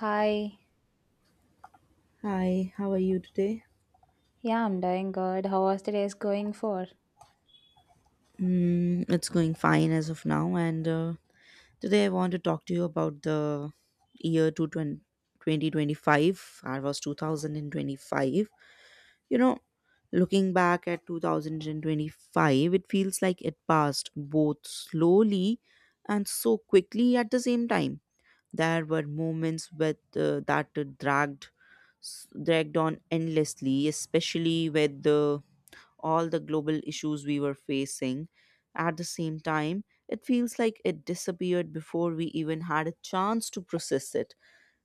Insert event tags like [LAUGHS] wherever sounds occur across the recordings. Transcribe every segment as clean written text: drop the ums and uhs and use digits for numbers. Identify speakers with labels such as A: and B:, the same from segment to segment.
A: Hi.
B: Hi, how are you today?
A: Yeah, I'm doing good. How was today's going for?
B: Mm, it's going fine as of now, and today I want to talk to you about the year 2020 2025. I was 2025. You know, looking back at 2025, it feels like it passed both slowly and so quickly at the same time. There were moments with that dragged s- dragged on endlessly, especially with the all the global issues we were facing. At the same time, it feels like it disappeared before we even had a chance to process it.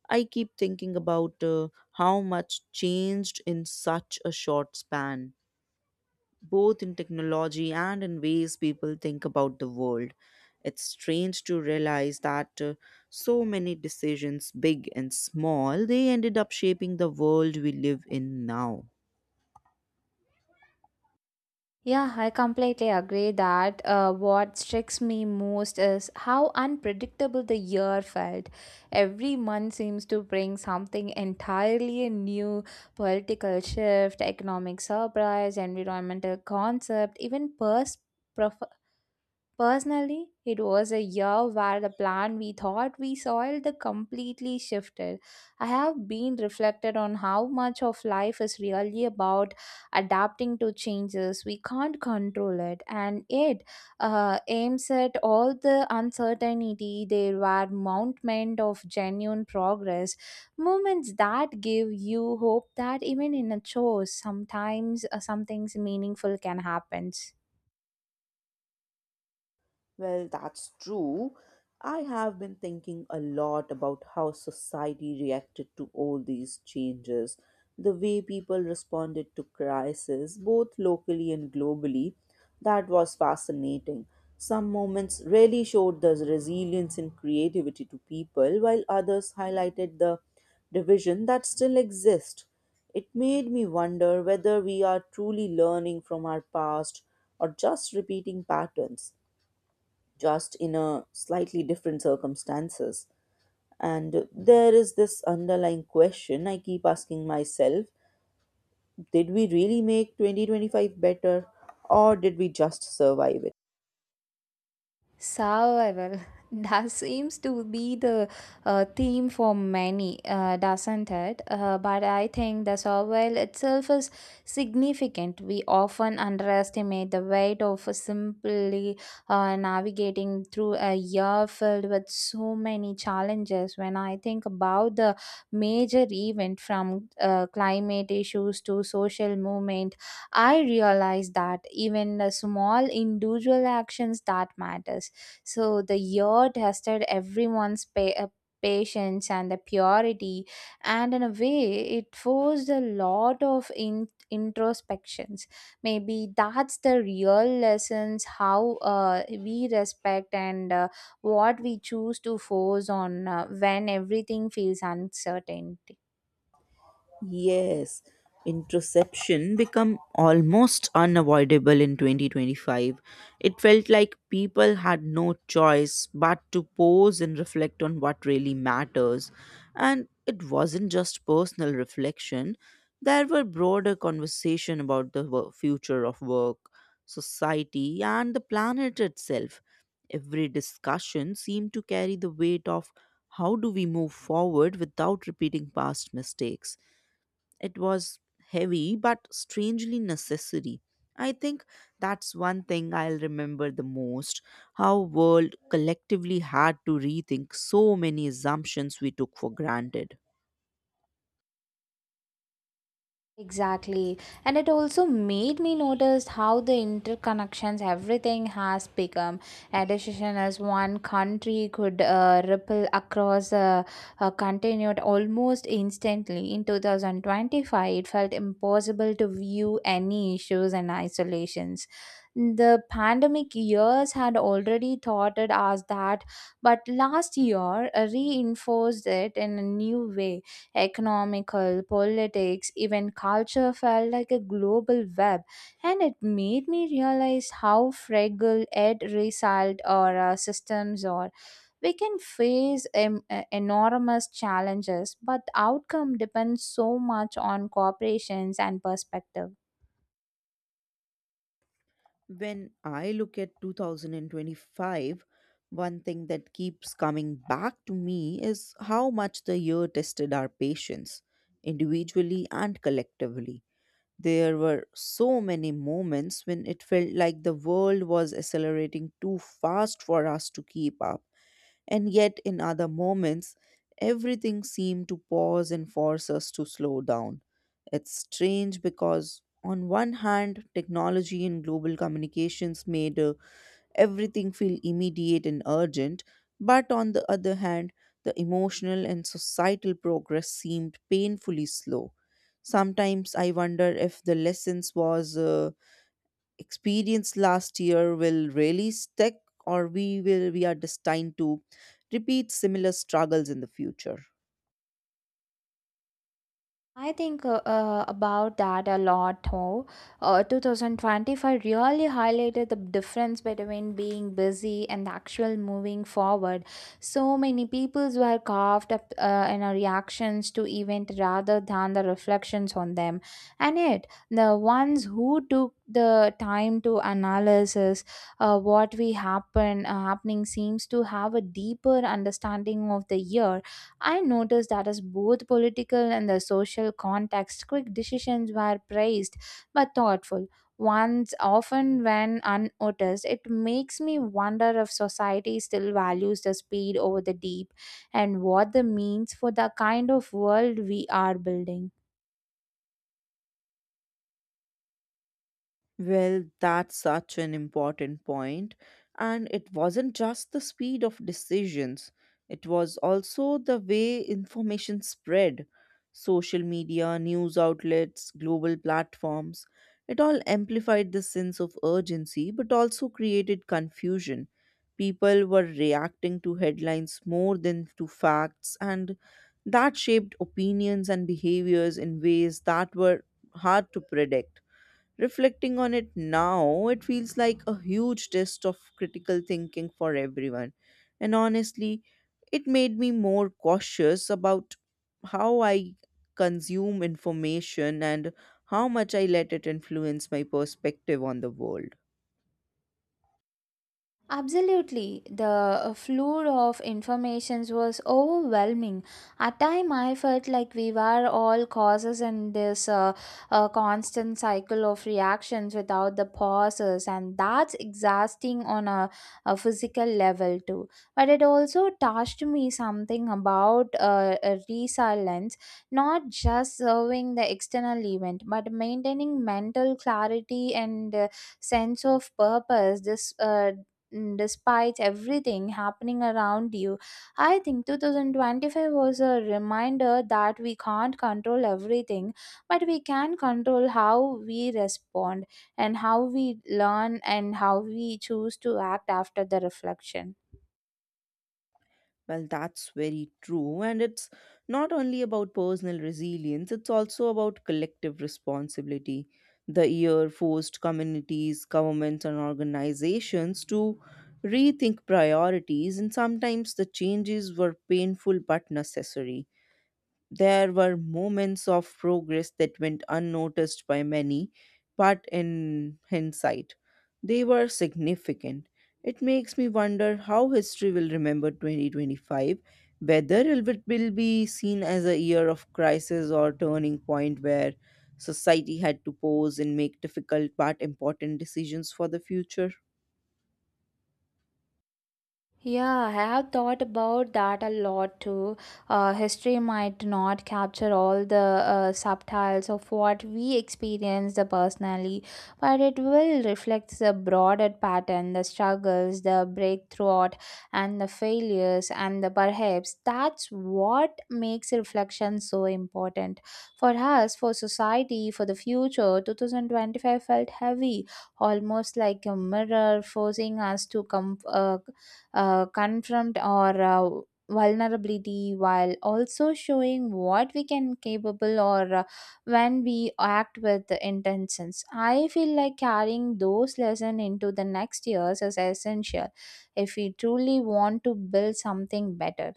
B: I keep thinking about how much changed in such a short span, both in technology and in ways people think about the world. It's strange to realize that so many decisions, big and small, they ended up shaping the world we live in now.
A: Yeah, I completely agree that what strikes me most is how unpredictable the year felt. Every month seems to bring something entirely new political shift, economic surprise, environmental concept, even personally, it was a year where the plan we thought we soiled the completely shifted. I have been reflected on how much of life is really about adapting to changes. We can't control it, and it aims at all the uncertainty. There were mountains of genuine progress, moments that give you hope that even in a chore, sometimes some things meaningful can happen.
B: Well, that's true. I have been thinking a lot about how society reacted to all these changes, the way people responded to crisis, both locally and globally. That was fascinating. Some moments really showed the resilience and creativity to people, while others highlighted the division that still exists. It made me wonder whether we are truly learning from our past or just repeating patterns just in a slightly different circumstances. And there is this underlying question I keep asking myself, did we really make 2025 better, or did we just survive it?
A: Survival. [LAUGHS] That seems to be the theme for many, doesn't it? But I think the survival itself is significant. We often underestimate the weight of simply navigating through a year filled with so many challenges. When I think about the major event from climate issues to social movement, I realize that even the small individual actions that matters so the year tested everyone's patience and the purity, and in a way it forced a lot of introspections. Maybe that's the real lessons how we respect and what we choose to force on when everything feels uncertain.
B: Yes, introspection become almost unavoidable in 2025. It felt like people had no choice but to pause and reflect on what really matters. And it wasn't just personal reflection. There were broader conversation about the future of work, society, and the planet itself. Every discussion seemed to carry the weight of how do we move forward without repeating past mistakes. It was heavy, but strangely necessary. I think that's one thing I'll remember the most, how world collectively had to rethink so many assumptions we took for granted.
A: Exactly. And it also made me notice how the interconnections everything has become. A decision as one country could ripple across a continent almost instantly. In 2025, it felt impossible to view any issues and isolations. The pandemic years had already taught us that, but last year reinforced it in a new way economical, politics, even culture felt like a global web, and it made me realize how fragile yet resilient our systems are. We can face enormous challenges, but the outcome depends so much on corporations and perspective.
B: When I look at 2025, one thing that keeps coming back to me is how much the year tested our patience, individually and collectively. There were so many moments when it felt like the world was accelerating too fast for us to keep up. And yet, in other moments, everything seemed to pause and force us to slow down. It's strange because, on one hand, technology and global communications made everything feel immediate and urgent, but on the other hand, the emotional and societal progress seemed painfully slow. Sometimes I wonder if the lessons was experience last year will really stick or we are destined to repeat similar struggles in the future.
A: I think about that a lot more. 2025 really highlighted the difference between being busy and the actual moving forward. So many peoples were carved up in our reactions to event rather than the reflections on them. And yet, the ones who took the time to analysis what we happening seems to have a deeper understanding of the year. I noticed that as both political and the social context, quick decisions were praised but thoughtful ones often went unnoticed. It makes me wonder if society still values the speed over the deep and what the means for the kind of world we are building.
B: Well, that's such an important point. And it wasn't just the speed of decisions, it was also the way information spread. Social media, news outlets, global platforms, it all amplified the sense of urgency but also created confusion. People were reacting to headlines more than to facts, and that shaped opinions and behaviors in ways that were hard to predict. Reflecting on it now, it feels like a huge test of critical thinking for everyone. And honestly, it made me more cautious about how I consume information and how much I let it influence my perspective on the world.
A: Absolutely. The flood of informations was overwhelming. At time I felt like we were all causes in this constant cycle of reactions without the pauses, and that's exhausting on a physical level too. But it also touched me something about resilience, not just serving the external event but maintaining mental clarity and sense of purpose this despite everything happening around you. I think 2025 was a reminder that we can't control everything, but we can control how we respond and how we learn and how we choose to act after the reflection.
B: Well, that's very true. And it's not only about personal resilience, it's also about collective responsibility. The year forced communities, governments, and organizations to rethink priorities, and sometimes the changes were painful but necessary. There were moments of progress that went unnoticed by many, but in hindsight, they were significant. It makes me wonder how history will remember 2025, whether it will be seen as a year of crisis or turning point where society had to pause and make difficult but important decisions for the future.
A: Yeah, I have thought about that a lot too. History might not capture all the subtitles of what we experienced personally, but it will reflect the broader pattern, the struggles, the breakthrough, and the failures, and the perhaps that's what makes reflection so important for us, for society, for the future. 2025 felt heavy, almost like a mirror forcing us to come. Confront our vulnerability while also showing what we can capable or when we act with intentions. I feel like carrying those lessons into the next years is essential if we truly want to build something better.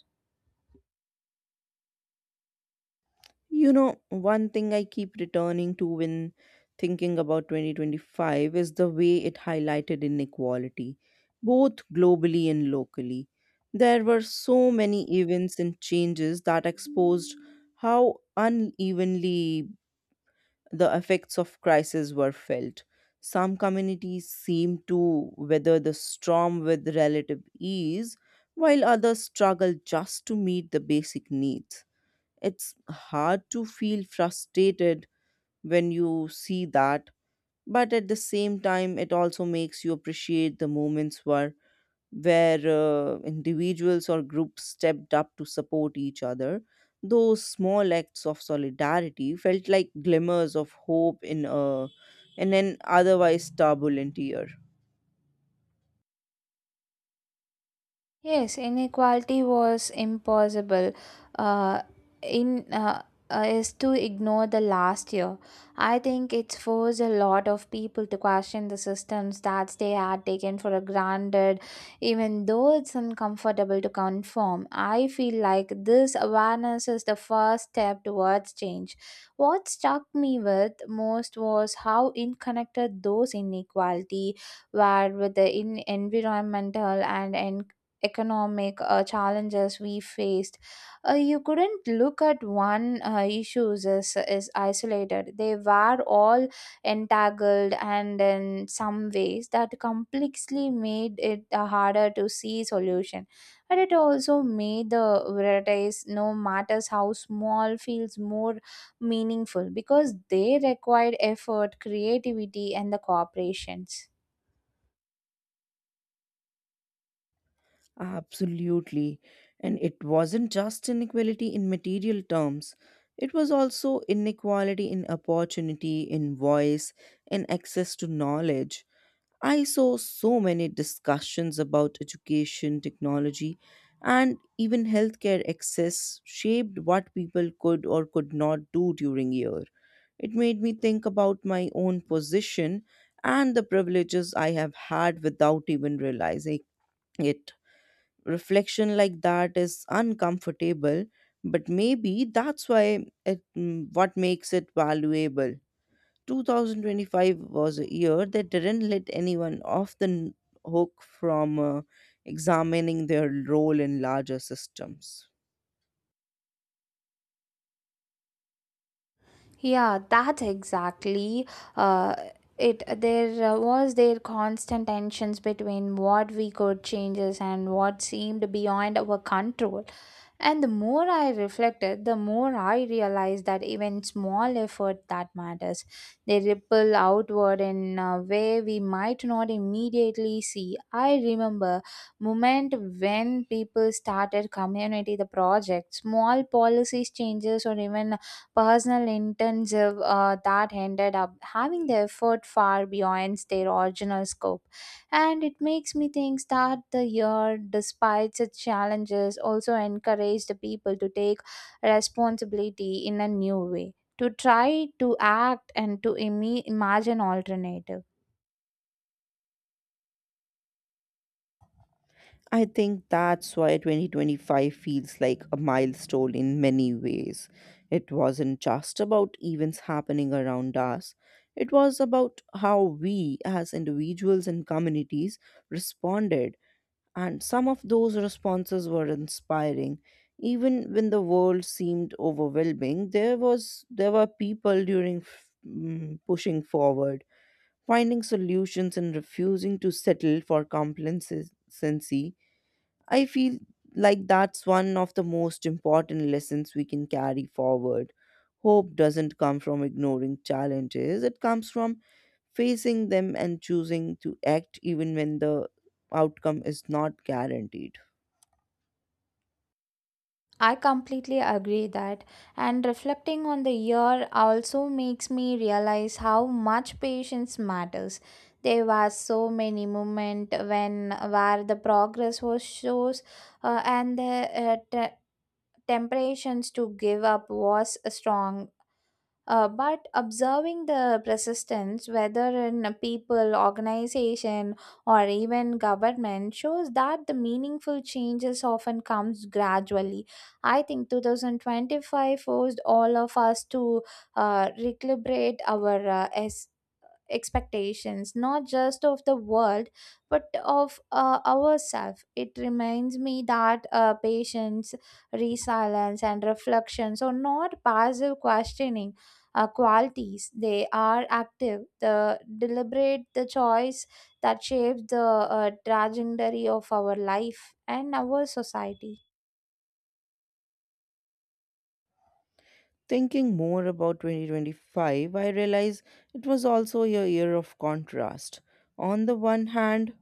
B: You know, one thing I keep returning to when thinking about 2025 is the way it highlighted inequality, both globally and locally. There were so many events and changes that exposed how unevenly the effects of crisis were felt. Some communities seemed to weather the storm with relative ease, while others struggled just to meet the basic needs. It's hard to feel frustrated when you see that, but at the same time, it also makes you appreciate the moments where individuals or groups stepped up to support each other. Those small acts of solidarity felt like glimmers of hope in a in an otherwise turbulent year.
A: Yes, inequality was impossible uh, in is to ignore the last year. I think it's forced a lot of people to question the systems that they had taken for granted, even though it's uncomfortable to conform. I feel like this awareness is the first step towards change. What struck me with most was how interconnected those inequality were with the environmental and economic challenges we faced. You couldn't look at one issues as isolated. They were all entangled, and in some ways that complexly made it harder to see solution, but it also made the varieties no matters how small feels more meaningful because they required effort, creativity, and the cooperations.
B: Absolutely. And it wasn't just inequality in material terms, it was also inequality in opportunity, in voice, in access to knowledge. I saw so many discussions about education, technology, and even healthcare access shaped what people could or could not do during year. It made me think about my own position and the privileges I have had without even realizing it. Reflection like that is uncomfortable, but maybe that's why it, mm, what makes it valuable. 2025 was a year that didn't let anyone off the hook from examining their role in larger systems.
A: Yeah, that's exactly uh, it. There was there constant tensions between what we could changes and what seemed beyond our control. And the more I reflected, the more I realized that even small effort that matters. They ripple outward in a way we might not immediately see. I remember moment when people started community the project, small policies changes or even personal intensive that ended up having the effort far beyond their original scope. And it makes me think that the year, despite its challenges, also encouraged the people to take responsibility in a new way, to try to act and to imagine alternatives.
B: I think that's why 2025 feels like a milestone in many ways. It wasn't just about events happening around us, it was about how we, as individuals and communities, responded. And some of those responses were inspiring. Even when the world seemed overwhelming, there were people pushing forward, finding solutions and refusing to settle for complacency. I feel like that's one of the most important lessons we can carry forward. Hope doesn't come from ignoring challenges, it comes from facing them and choosing to act even when the outcome is not guaranteed.
A: I completely agree that, and reflecting on the year also makes me realize how much patience matters. There were so many moments when where the progress was shows, and the uh, te- temptations to give up was strong, but observing the persistence, whether in a people, organization, or even government, shows that the meaningful changes often comes gradually. I think 2025 forced all of us to recalibrate our expectations not just of the world but of ourselves. It reminds me that patience, resilience, and reflections are not passive questioning qualities. They are active, the deliberate, the choice that shapes the trajectory of our life and our society.
B: Thinking more about 2025, I realize it was also a year of contrast. On the one hand,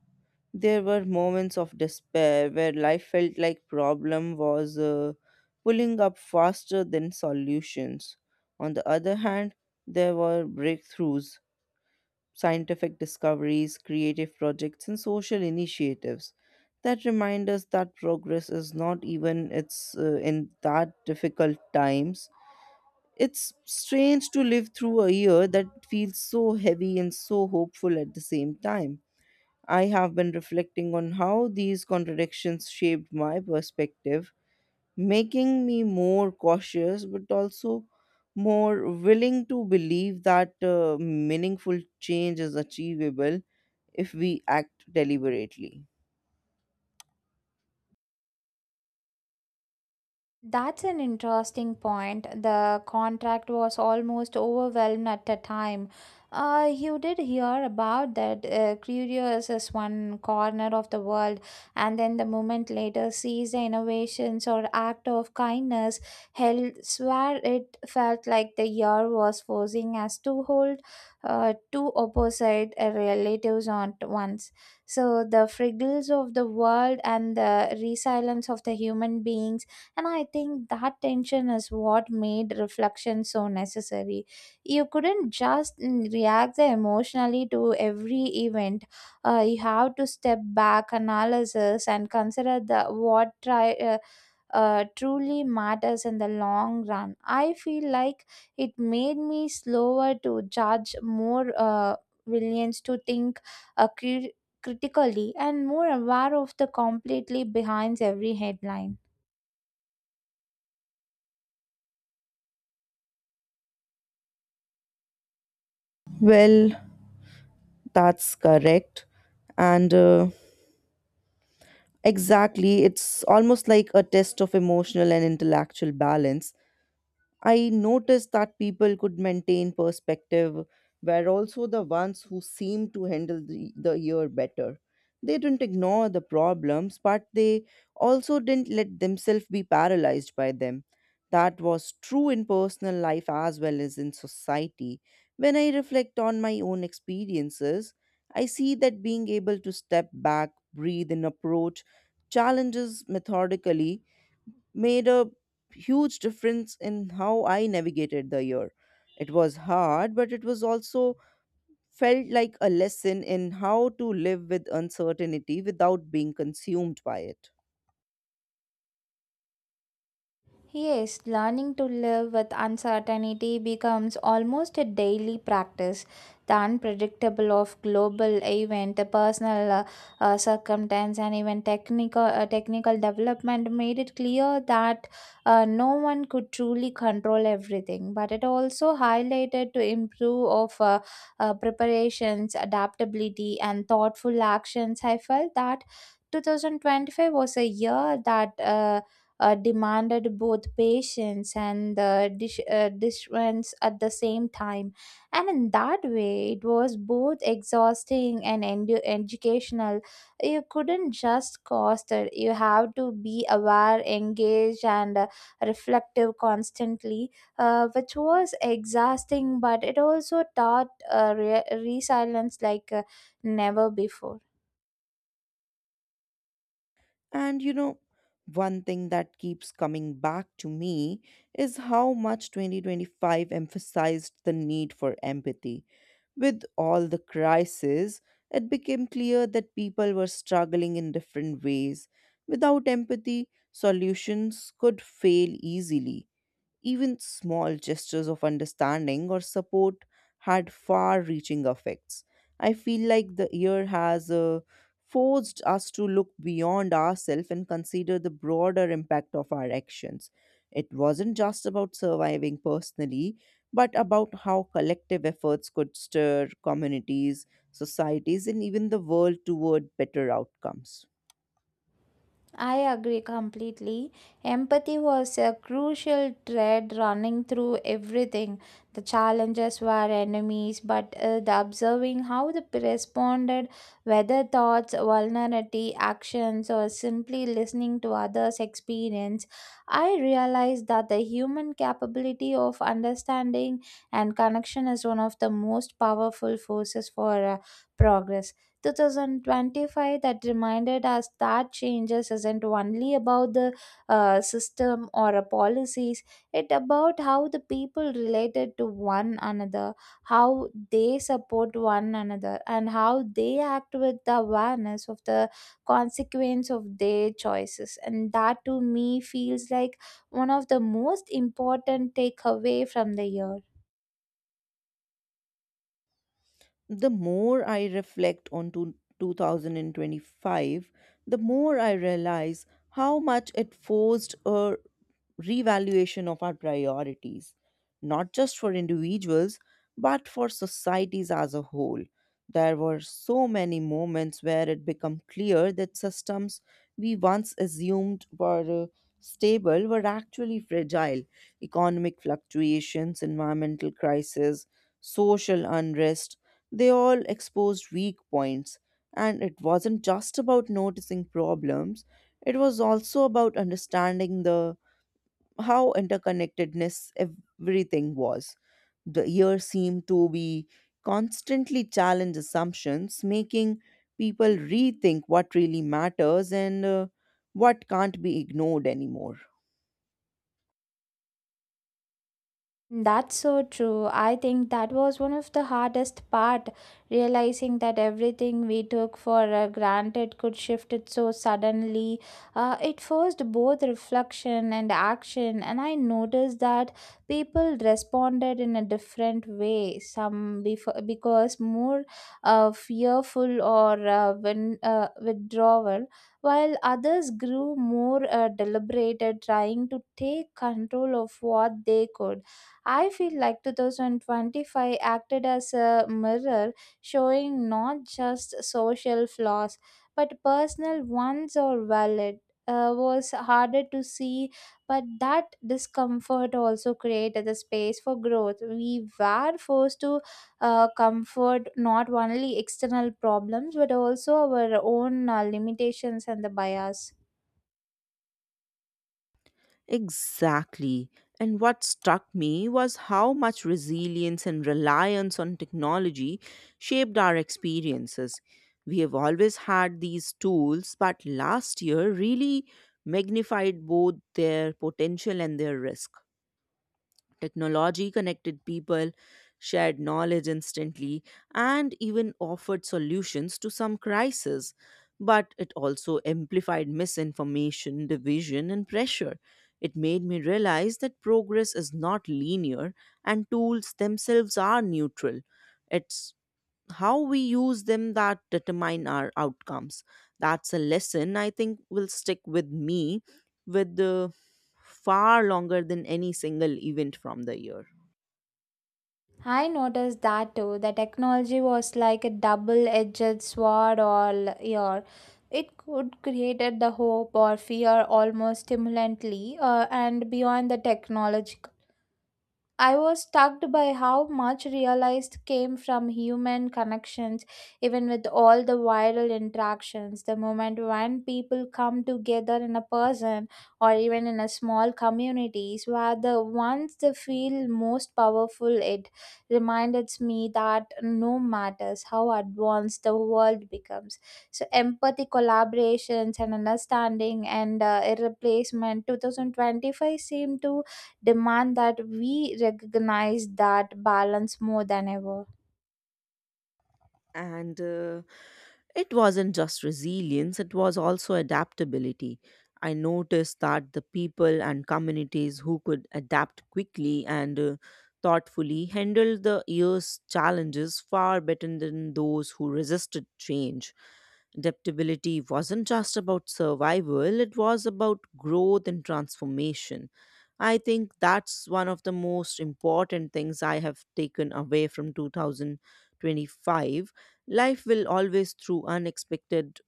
B: there were moments of despair where life felt like problem was pulling up faster than solutions. On the other hand, there were breakthroughs, scientific discoveries, creative projects, and social initiatives that remind us that progress is not even it's in that difficult times. It's strange to live through a year that feels so heavy and so hopeful at the same time. I have been reflecting on how these contradictions shaped my perspective, making me more cautious but also more willing to believe that meaningful change is achievable if we act deliberately.
A: That's an interesting point. The contract was almost overwhelmed at the time. You did hear about that Curious is one corner of the world, and then the moment later sees the innovations or act of kindness. Hell, swear it felt like the year was forcing us to hold two opposite relatives on at once. So the friggles of the world and the resilience of the human beings, and I think that tension is what made reflection so necessary. You couldn't just react emotionally to every event. You have to step back, analysis, and consider the what try, truly matters in the long run. I feel like it made me slower to judge, more willing to think uh, cri- critically, and more aware of the completely behind every headline.
B: Well, that's correct. And Exactly, it's almost like a test of emotional and intellectual balance. I noticed that people could maintain perspective were also the ones who seemed to handle the year better. They didn't ignore the problems, but they also didn't let themselves be paralyzed by them. That was true in personal life as well as in society. When I reflect on my own experiences, I see that being able to step back, breathe, and approach challenges methodically made a huge difference in how I navigated the year. It was hard, but it was also felt like a lesson in how to live with uncertainty without being consumed by it.
A: Yes, learning to live with uncertainty becomes almost a daily practice. The unpredictable of global event, the personal circumstance, and even technical development made it clear that no one could truly control everything. But it also highlighted to improve of preparations, adaptability, and thoughtful actions. I felt that 2025 was a year that. Demanded both patience and the dishrents at the same time. And in that way, it was both exhausting and educational. You couldn't just coast it, you have to be aware, engaged, and reflective constantly, which was exhausting, but it also taught resilience like never before.
B: And you know, one thing that keeps coming back to me is how much 2025 emphasized the need for empathy. With all the crisis, it became clear that people were struggling in different ways. Without empathy, solutions could fail easily. Even small gestures of understanding or support had far reaching effects. I feel like the year has forced us to look beyond ourselves and consider the broader impact of our actions. It wasn't just about surviving personally, but about how collective efforts could stir communities societies, and even the world toward better outcomes.
A: I agree completely. Empathy was a crucial thread running through everything. The challenges were enemies, but the observing how the responded, whether thoughts, vulnerability, actions, or simply listening to others' experience, I realized that the human capability of understanding and connection is one of the most powerful forces for progress. 2025 that reminded us that changes isn't only about the system or policies. It about how the people related to one another, how they support one another, and how they act with the awareness of the consequence of their choices. And that to me feels like one of the most important takeaway from the year.
B: The more I reflect on 2025, the more I realize how much it forced a revaluation of our priorities, not just for individuals, but for societies as a whole. There were so many moments where it became clear that systems we once assumed were stable were actually fragile. Economic fluctuations, environmental crises, social unrest, they all exposed weak points, and it wasn't just about noticing problems, it was also about understanding the how interconnectedness everything was. The year seemed to be constantly challenge assumptions, making people rethink what really matters and what can't be ignored anymore.
A: That's so true. I think that was one of the hardest part, realizing that everything we took for granted could shift it so suddenly. It forced both reflection and action, and I noticed that people responded in a different way. Some before, because more fearful or withdrawal, while others grew more deliberated, trying to take control of what they could. I feel like 2025 acted as a mirror showing not just social flaws but personal ones are valid. Was harder to see, but that discomfort also created the space for growth. We were forced to comfort not only external problems but also our own limitations and the bias.
B: Exactly. And what struck me was how much resilience and reliance on technology shaped our experiences. We have always had these tools, but last year really magnified both their potential and their risk. Technology connected people, shared knowledge instantly, and even offered solutions to some crises. But it also amplified misinformation, division, and pressure. It made me realize that progress is not linear and tools themselves are neutral. It's how we use them that determine our outcomes. That's a lesson I think will stick with me with far longer than any single event from the year.
A: I noticed that too. The technology was like a double-edged sword all year. It could create the hope or fear almost stimulantly, and beyond the technology I was struck by how much realized came from human connections, even with all the viral interactions. The moment when people come together in a person or even in a small communities where the ones they feel most powerful, it reminds me that no matters how advanced the world becomes. So empathy, collaborations and understanding and irreplacement 2025 seem to demand that we recognize that balance more than ever.
B: And uh, It wasn't just resilience, it was also adaptability. I noticed that the people and communities who could adapt quickly and thoughtfully handled the year's challenges far better than those who resisted change. Adaptability wasn't just about survival, it was about growth and transformation. I think that's one of the most important things I have taken away from 2025. Life will always throw unexpected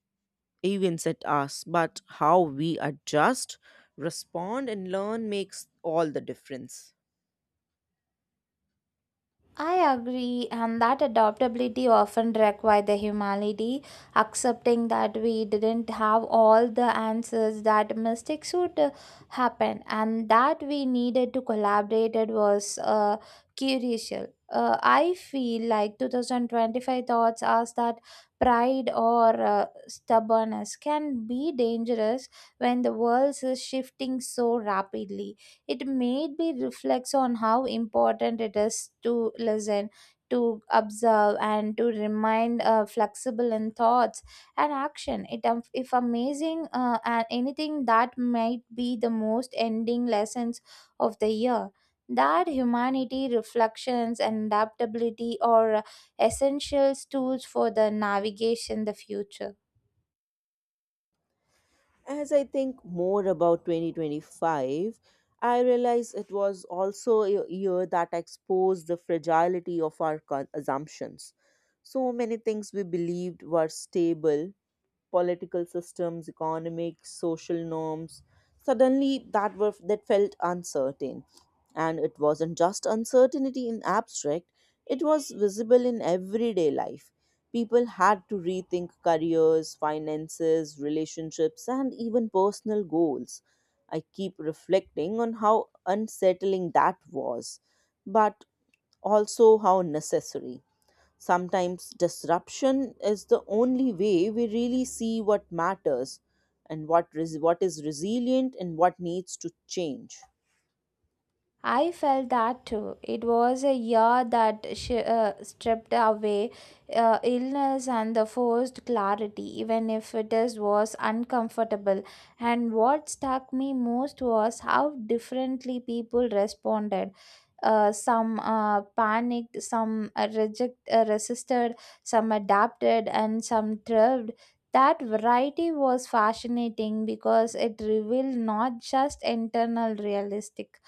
B: events at us, but how we adjust, respond, and learn makes all the difference.
A: I agree, and that adaptability often requires the humility, accepting that we didn't have all the answers, that mistakes would happen, and that we needed to collaborate it was crucial. I feel like 2025 thoughts us that pride or stubbornness can be dangerous when the world is shifting so rapidly. It made me reflect on how important it is to listen, to observe, and to remain flexible in thoughts and action. It if amazing and anything that might be the most ending lessons of the year, that humanity, reflections, and adaptability are essential tools for the navigation the future.
B: As I think more about 2025, I realize it was also a year that exposed the fragility of our assumptions. So many things we believed were stable political systems, economics, social norms, suddenly that were that felt uncertain. And it wasn't just uncertainty in abstract, it was visible in everyday life. People had to rethink careers, finances, relationships, and even personal goals. I keep reflecting on how unsettling that was, but also how necessary. Sometimes disruption is the only way we really see what matters and what is resilient and what needs to change.
A: I felt that too. It was a year that stripped away illness and the forced clarity, even if it is, was uncomfortable. And what struck me most was how differently people responded, some panicked, some reject resisted, some adapted, and some thrived. That variety was fascinating because it revealed not just internal realistic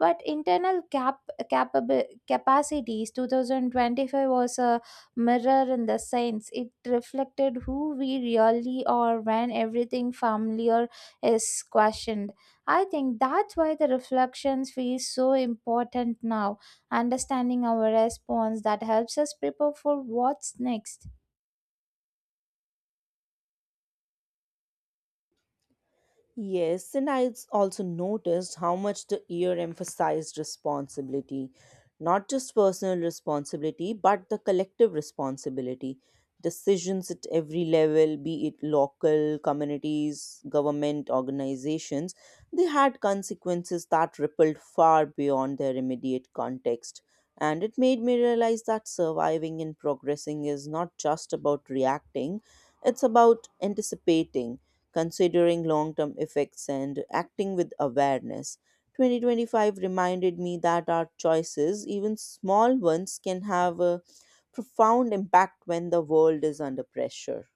A: but internal capable capacities. 2025 was a mirror in the sense it reflected who we really are when everything familiar is questioned. I think that's why the reflections feel so important now, understanding our response that helps us prepare for what's next.
B: Yes, and also noticed how much the year emphasized responsibility, not just personal responsibility, but the collective responsibility. Decisions at every level, be it local, communities, government, organizations, they had consequences that rippled far beyond their immediate context. And it made me realize that surviving and progressing is not just about reacting, it's about anticipating considering long term effects and acting with awareness. 2025 reminded me that our choices, even small ones, can have a profound impact when the world is under pressure.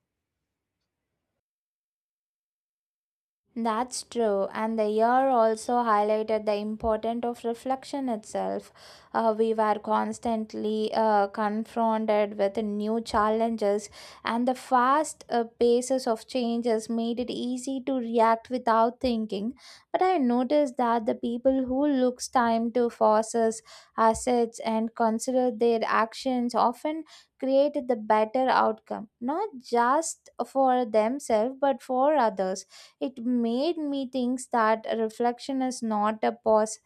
A: That's true, and the year also highlighted the importance of reflection itself. We were constantly confronted with new challenges, and the fast paces of changes made it easy to react without thinking. But I noticed that the people who looks time to forces, assets, and consider their actions often created the better outcome, not just for themselves but for others. It made me think that reflection is not a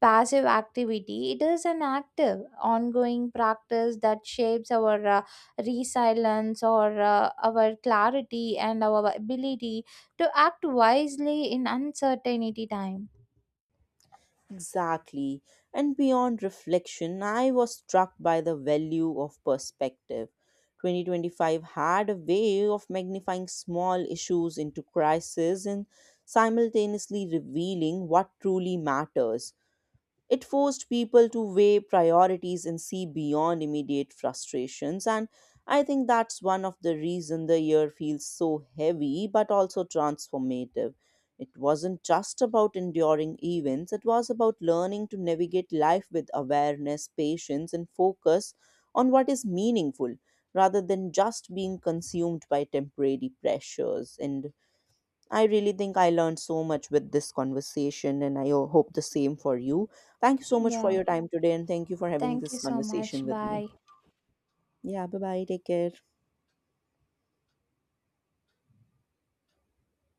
A: passive activity, it is an active, ongoing practice that shapes our resilience or our clarity and our ability to act wisely in uncertainty time.
B: Exactly. And beyond reflection, I was struck by the value of perspective. 2025 had a way of magnifying small issues into crises and simultaneously revealing what truly matters. It forced people to weigh priorities and see beyond immediate frustrations. And I think that's one of the reason the year feels so heavy but also transformative. It wasn't just about enduring events, it was about learning to navigate life with awareness, patience, and focus on what is meaningful rather than just being consumed by temporary pressures. And I really think I learned so much with this conversation, and I hope the same for you. Thank you so much for
A: Yeah,
B: your time today, and thank you for having
A: thank you
B: this
A: so
B: conversation
A: much.
B: with me.
A: Bye.
B: Yeah, bye bye. Take care.